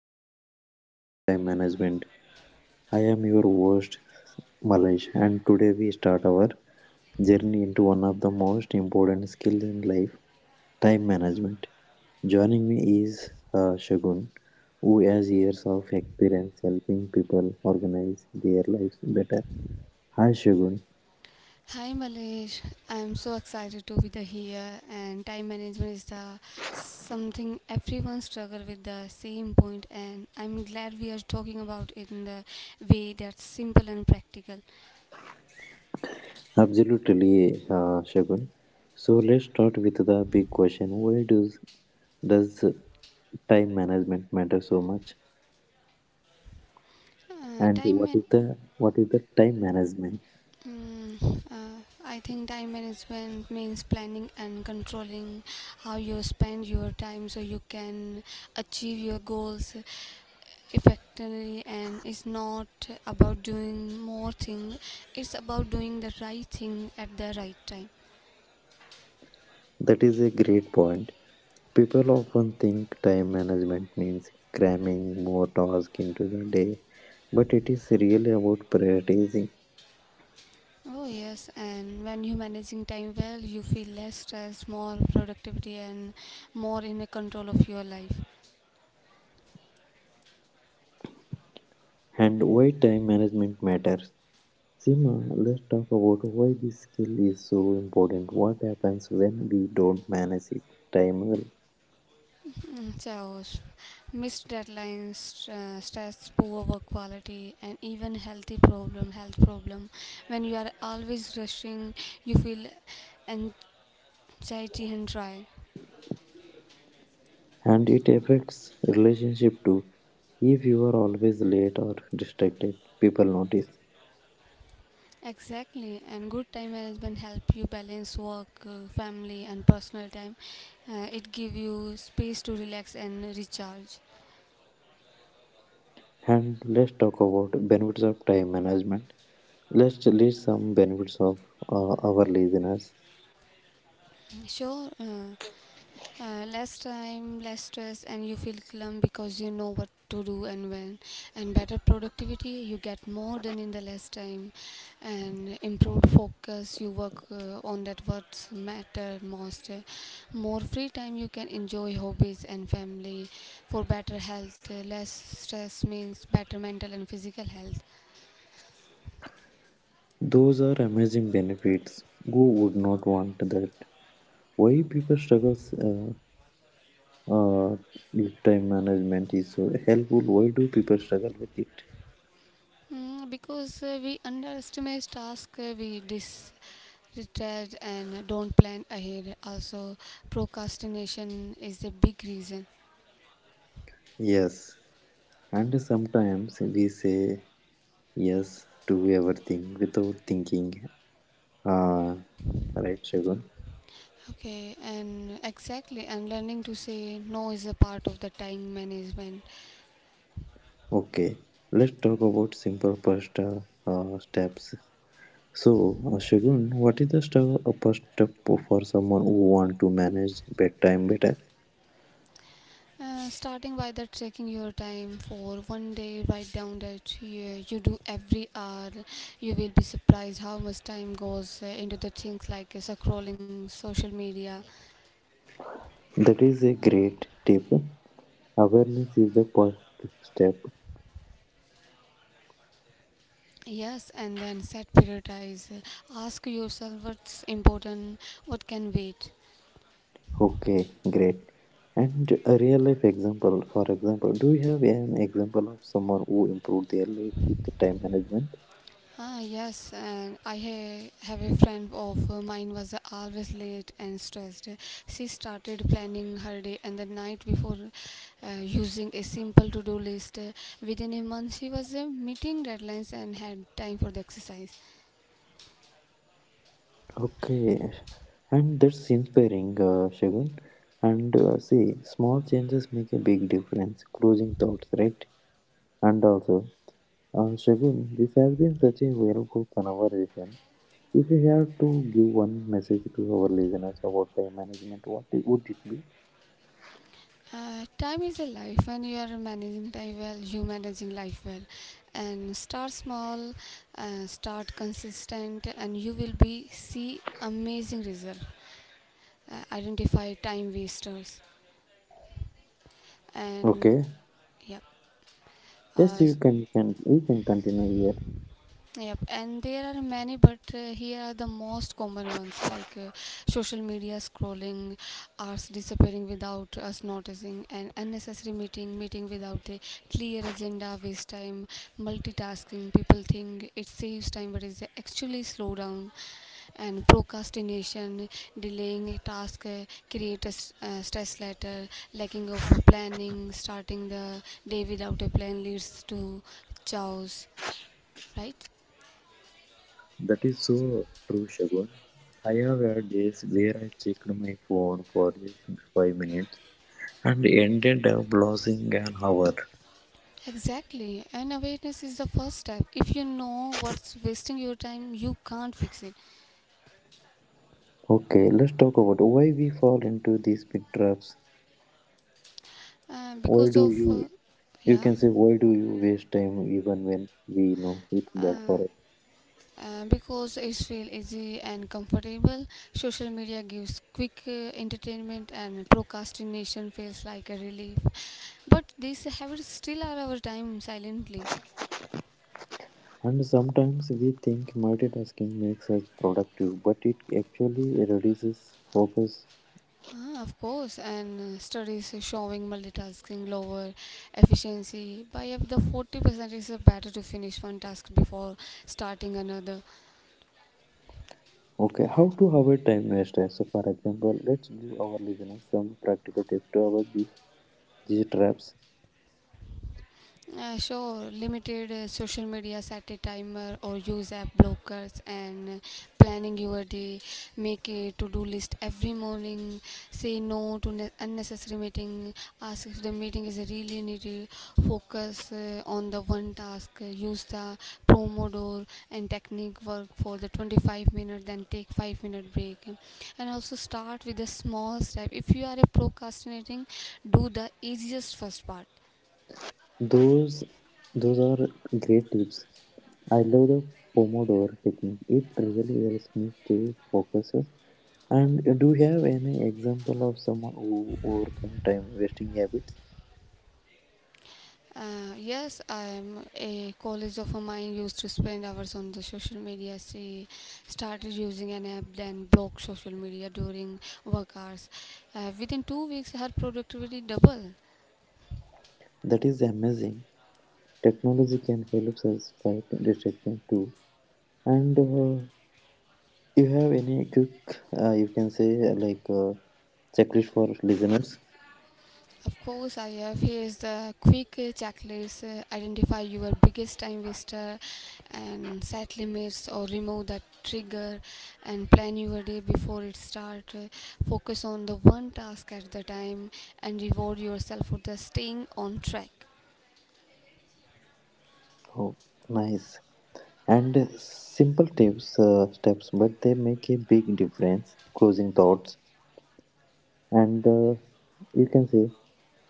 and welcome to Mastering Time Management. I am your host, Malaj, and today we start our journey into one of the most important skill in life, time management. Joining me is Shagun, who has years of experience helping people organize their lives better. Hi, Shagun. Hi Malesh, I'm so excited to be the here. And time management is the something everyone struggle with the same point, and I'm glad we are talking about it in the way that's simple and practical. Absolutely, Shagun. So let's start with the big question: Why does time management matter so much? Uh, And time man- what is the time management? I think time management means planning and controlling how you spend your time so you can achieve your goals effectively. And it's not about doing more thing, it's about doing the right thing at the right time. That is a great point. People often think time management means cramming more tasks into the day, but it is really about prioritizing. Oh yes, and when you managing time well you feel less stress, more productivity, and more in a control of your life. And why time management matters, sima, let's talk about why this skill is so important. What happens when we don't manage it time well? Chaos, missed deadlines, stress, poor work quality, and even health problem. When you are always rushing, you feel anxiety and dry. And it affects relationship too. If you are always late or distracted, people notice. Exactly, and good time management help you balance work, family, and personal time. It give you space to relax and recharge. And let's talk about benefits of time management. Let's list some benefits of our listeners. Sure, uh, Less time, less stress, and you feel calm because you know what to do and when. And better productivity, you get more done in the less time, and improved focus. You work on that what matter most. More free time, you can enjoy hobbies and family. For better health, less stress means better mental and physical health. Those are amazing benefits. Who would not want that? Why people struggle, uh, uh, if time management is so helpful? Why do people struggle with it? Because we underestimate tasks, we disregard and don't plan ahead. Also, procrastination is a big reason. Yes, and sometimes we say yes to everything without thinking. Uh, right, Shagun. Okay, and exactly, and learning to say no is a part of the time management. Okay, let's talk about simple pasta steps. So, Shagun, what is the first step for someone who want to manage bedtime better? Starting by the tracking your time for 1 day, write down that you do every hour. You will be surprised how much time goes into the things like scrolling social media. That is a great tip. Awareness is the first step. Yes, and then set prioritize. Ask yourself what's important, what can wait. Okay, great. And a real life example, for example, do you have an example of someone who improved their life with time management? Ah, yes, and have a friend of mine was always late and stressed. She started planning her day and the night before, using a simple to-do list. Within a month, she was meeting deadlines and had time for the exercise. Okay, and that's inspiring, Shagun. And see, small changes make a big difference. Closing thoughts, right? And also, Shagun, this has been such a valuable conversation. If you had to give one message to our listeners about time management, would it be? Time is a life, and you are managing time well. You managing life well. And start small, start consistent, and you will be see amazing result. Identify time wasters, and Okay. yep. Yes, Uh, you can you, can continue here. Yep, and there are many, but here are the most common ones like social media scrolling, hours disappearing without us noticing, and unnecessary meeting without a clear agenda, waste time. Multitasking, people think it saves time, but it's actually slow down. And procrastination, delaying a task, create a stress letter. Lacking of a planning, starting the day without a plan leads to chaos, right? That is so true, Shagun. I have had days where I checked my phone for just 5 minutes and ended up losing an hour. Exactly, and awareness is the first step. If you know what's wasting your time, you can't fix it. Okay, let's talk about why we fall into these big traps. Uh, Why because do of, you uh, You yeah, can say, why do you waste time even when we know it's bad uh, for us? Because it's feel easy and comfortable. Social media gives quick entertainment, and procrastination feels like a relief. But these habits still are our time silently. And sometimes we think multitasking makes us productive, but it actually reduces focus. Ah, of course, and studies is showing multitasking lower efficiency by up to 40%. Is better to finish one task before starting another. Okay, how to avoid time waste? So, for example, let's give our listeners some practical tips to avoid these traps. Sure, limited social media, set a timer or use app blockers. And planning your day, make a to do list every morning. Say no to unnecessary meeting. Ask if the meeting is really needed. Focus on the one task. Use the Pomodoro and technique, work for the 25 minutes, then take 5-minute break. And also start with a small step. If you are a procrastinating, do the easiest first part. Those those are great tips. I love the Pomodoro technique. It really helps me stay focused. And do you have any example of someone who overcome time wasting habits? Yes, I'm a college of mine used to spend hours on the social media. She started using an app, then blocked social media during work hours. Within 2 weeks, her productivity doubled. That is amazing. Technology can help us fight distraction too. And you have any quick, you can say checklist for listeners? Of course, I have. Here's the quick checklist. Identify your biggest time waster and set limits or remove the trigger, and plan your day before it starts. Focus on the one task at the time, and reward yourself for the staying on track. Oh, nice. And simple tips, steps, but they make a big difference. Closing thoughts, and you can say,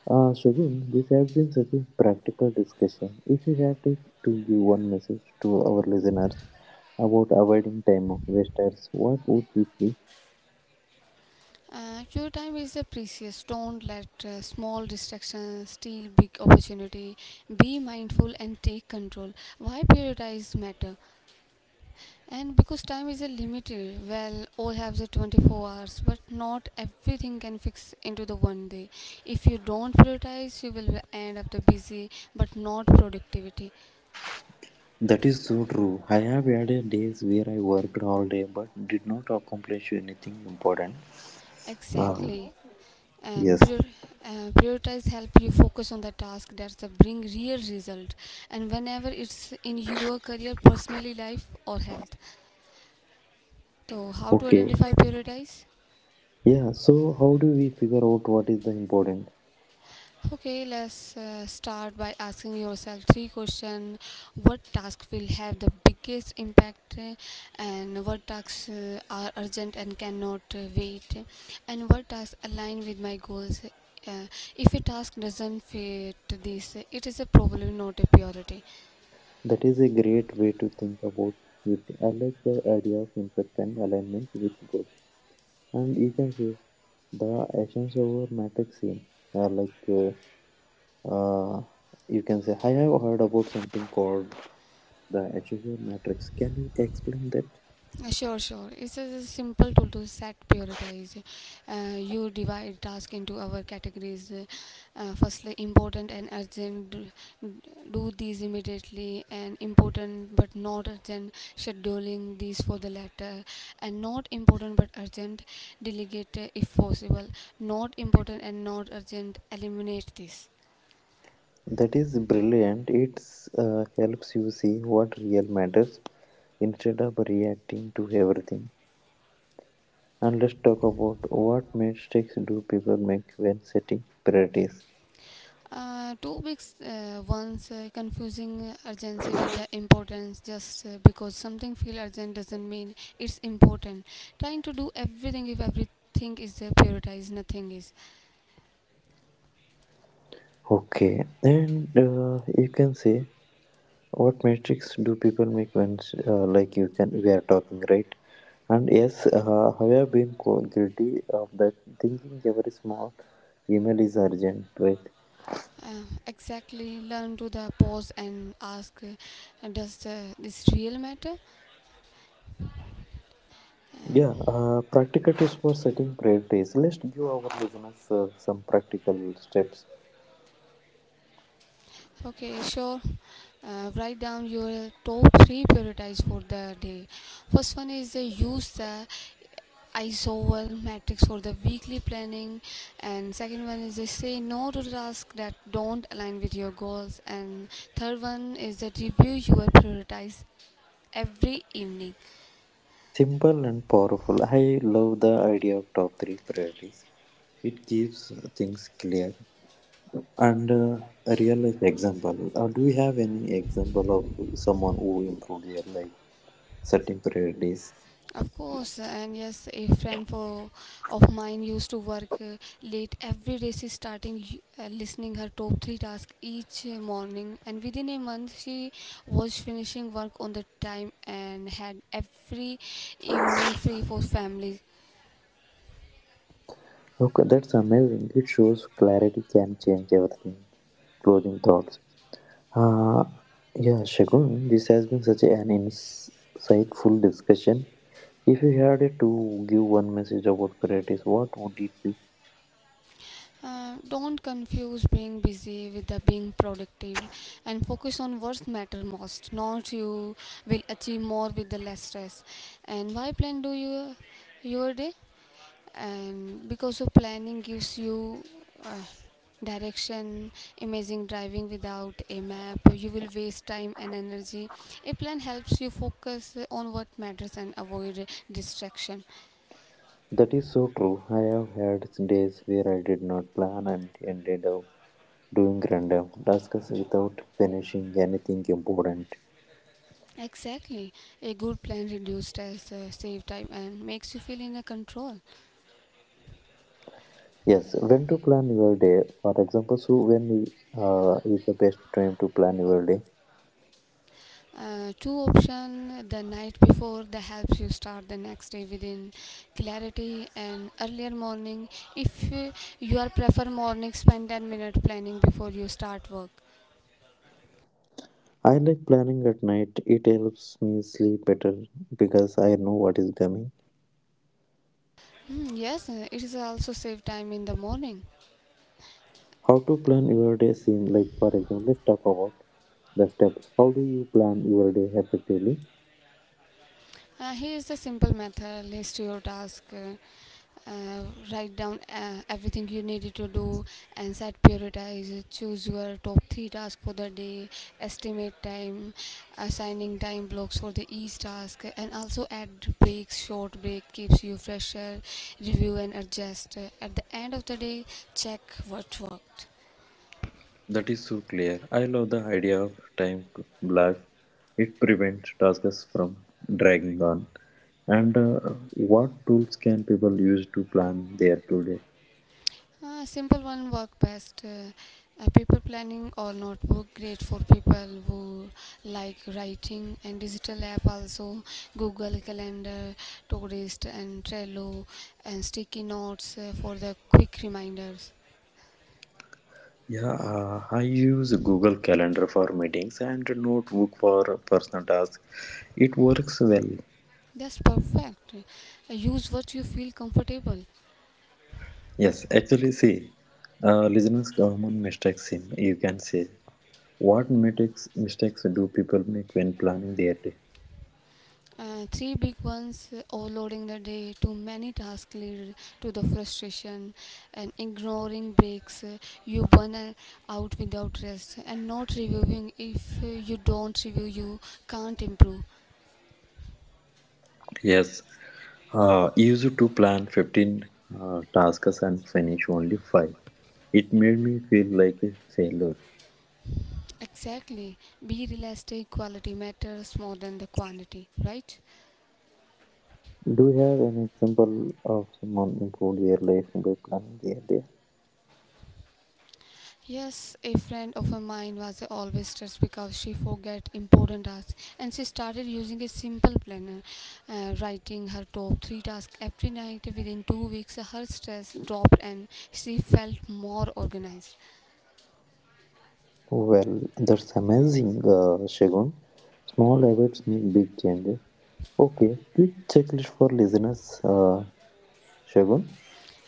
Shagun, this has been such a practical discussion. If you have to give one message to our listeners about avoiding time of wasters, what would it be? Your time is precious. Don't let small distractions steal big opportunity. Be mindful and take control. Why prioritize matter? And because time is a limited, well, all have the 24 hours, but not everything can fix into the 1 day. If you don't prioritize, you will end up the busy but not productivity. That is so true. I have had a days where I worked all day but did not accomplish anything important. Um, Exactly. And yes. prior- uh, prioritize help you focus on the task that's the bring real result. And whenever it's in your career, personally life or health. So how to Okay. identify prioritize? Yeah. So how do we figure out what is the important? Okay, let's start by asking yourself three questions. What task will have the biggest impact, and what tasks are urgent and cannot wait, and what tasks align with my goals? Uh, if a task doesn't fit this, it is a probably not a priority. That is a great way to think about it. I like the idea of impact and alignment with goals. And you can say the essence over matrix same. Uh, like uh, uh, you can say I have heard about something called the HSR matrix. Can you explain that? Sure. It's a simple tool to set prioritize. You divide task into our categories. Firstly, important and urgent, do these immediately. And important but not urgent, scheduling these for the latter. And not important but urgent, delegate if possible. Not important and not urgent, eliminate this. That is brilliant. It helps you see what real matters instead of reacting to everything. And let's talk about what mistakes do people make when setting priorities. 2 weeks once, confusing urgency with the importance, just because something feel urgent doesn't mean it's important. Trying to do everything, if everything is prioritized, nothing is. Okay, and you can say, what mistakes do people make when you can, we are talking right. And yes, I have been guilty of that, thinking every small email is urgent, right? Exactly, learn to the pause and ask, does this real matter? And Yeah, practical tips for setting priorities. Let's give our listeners some practical steps. okay, sure. Write down your top three priorities for the day. First one is use the isover matrix for the weekly planning. And second one is say no to tasks that don't align with your goals. And third one is that review your priorities every evening. Simple and powerful. I love the idea of top three priorities. It keeps things clear. And a real life example. Do you have any example of someone who improved their life setting priorities? Of course, and yes, of mine used to work late every day. She starting listening her top three tasks each morning, and within a month, she was finishing work on the time and had every evening free for family. Okay, that's amazing. It shows clarity can change everything. Closing thoughts. Uh, yeah, Shagun, this has been such an insightful discussion. If you had to give one message about priorities, what would it be? Don't confuse being busy with the being productive, and focus on what matter most. Not you will achieve more with the less stress. And why plan do you your day? And because of planning gives you uh, direction. Amazing, driving without a map you will waste time and energy. A plan helps you focus on what matters and avoid distraction. That is so true. I have had days where I did not plan and ended up doing random tasks without finishing anything important. Exactly, a good plan reduces stress, save time, and makes you feel in a control. Yes, when to plan your day? For example, so when is the best time to plan your day? Two option, the night before that helps you start the next day within clarity, and earlier morning. If you are prefer morning, spend 10-minute planning before you start work. I like planning at night. It helps me sleep better because I know what is coming. Hmm, yes, it is also save time in the morning. How to plan your day seem like, for example, let's talk about the steps. How do you plan your day effectively? Here is the simple method. List your task, uh, write down everything you needed to do. And set prioritize, choose your top three tasks for the day. Estimate time, assigning time blocks for the each task. And also add breaks, short break keeps you fresher. Review and adjust at the end of the day, check what worked. That is so clear. I love the idea of time blocks. It prevents tasks from dragging on. And what tools can people use to plan their today? Simple one work best. Paper planning or notebook, great for people who like writing. And digital app also: Google Calendar, Todoist and Trello, and sticky notes for the quick reminders. Yeah, I use Google Calendar for meetings and Notebook for personal tasks. It works well. That's perfect. Use what you feel comfortable. Yes, actually, see, listeners' common mistakes. You can say, what mistakes do people make when planning their day? Three big ones: overloading the day, too many tasks lead to the frustration. And ignoring breaks, you burn out without rest. And not reviewing, if you don't review, you can't improve. Yes, used to plan 15 tasks and finish only 5. It made me feel like a failure. Exactly. Be realistic, quality matters more than the quantity, right? Do you have an example of someone improved their life by planning their day? Yes, a friend of a mine was always stressed because she forget important tasks. And she started using a simple planner, writing her top three tasks every night. Within 2 weeks, her stress dropped and she felt more organized. Well, that's amazing, Shagun. Small habits make big changes. Okay, quick checklist for listeners, Shagun.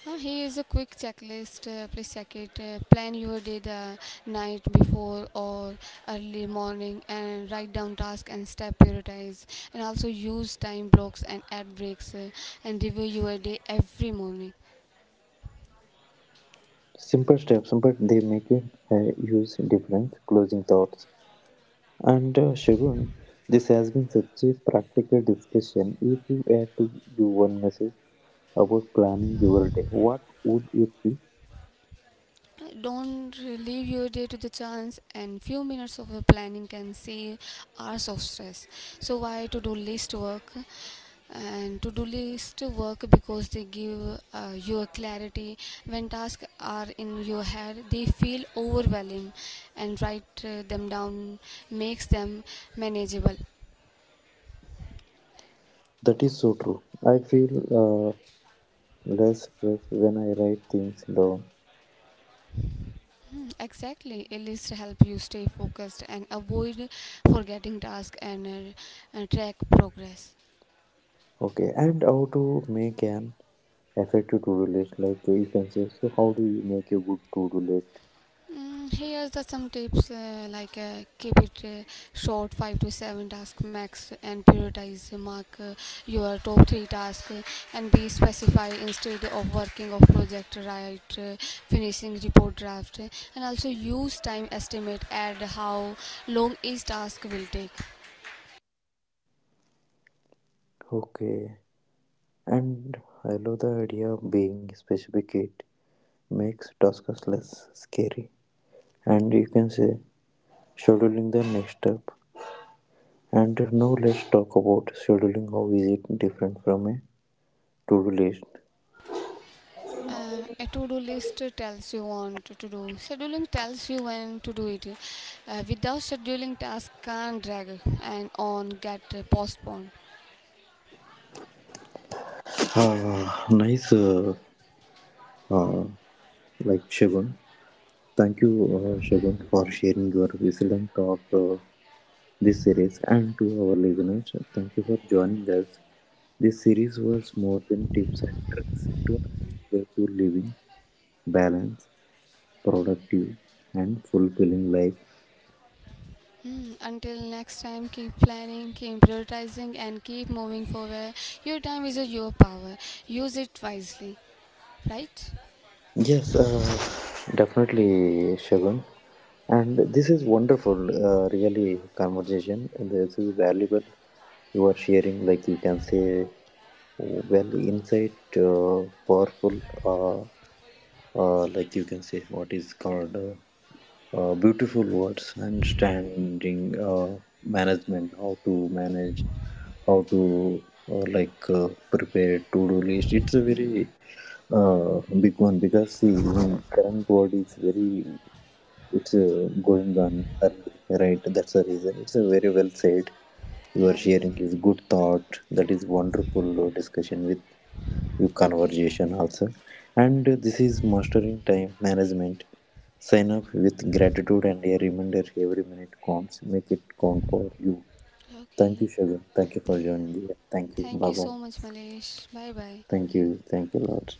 Here is a quick checklist. Please check it. Plan your day the night before or early morning, and write down tasks and step prioritize. And also use time blocks and ad breaks, and review your day every morning. Simple steps, but they make a huge difference. Closing thoughts, and Shagun, this has been such a practical discussion. If you had to give one message about planning your day, what would it be? Don't leave your day to the chance, and few minutes of your planning can save hours of stress. So, why to do list work? And to do list work because they give you a clarity. When tasks are in your head, they feel overwhelming, and write them down makes them manageable. That is so true. I feel less stress when I write things down. Hmm, exactly, a list help you stay focused and avoid forgetting tasks, and track progress. Okay, and how to make an effective to-do list? Like you can say, so how do you make a good to-do list? Here's the some tips, like keep it short, 5 to 7 task max. And prioritize, mark your top 3 tasks. And be specify, instead of working of project, right, finishing report draft. And also use time estimate, add how long each task will take. Okay, and I love the idea of being specific. It makes tasks less scary, and you can say scheduling the next step. And now let's talk about scheduling. How is it different from a to-do list? A to-do list tells you want to do, scheduling tells you when to do it. Without scheduling, tasks can drag and on get postponed. Ah, nice. Uh, Shagun, thank you, Shagun, for sharing your wisdom thought this series, and to our listeners, thank you for joining us. This series was more than tips and tricks. It was a way to living balance, productive, and fulfilling life. Hmm, until next time, keep planning, keep prioritizing, and keep moving forward. Your time is your power. Use it wisely, right? Yes, definitely, Shagun. And this is wonderful, really, conversation. And this is valuable. You are sharing, like you can say, well, insight, powerful, uh, like you can say, what is called beautiful words, understanding, management, how to manage, how to prepare to-do list. It's a very big one, because see, in current world is very, it's going on early, right? That's the reason, it's a very well said. You Yeah, are yeah. sharing is good thought. That is wonderful discussion with your Okay, conversation also. And this is Mastering Time Management. Sign off with gratitude and a reminder: every minute counts, make it count for you. Thank okay. you, Shagun. Thank you for joining here. Thank you. Thank you Bye bye. so much, Malesh. Bye bye. Thank you. Thank you, Lord.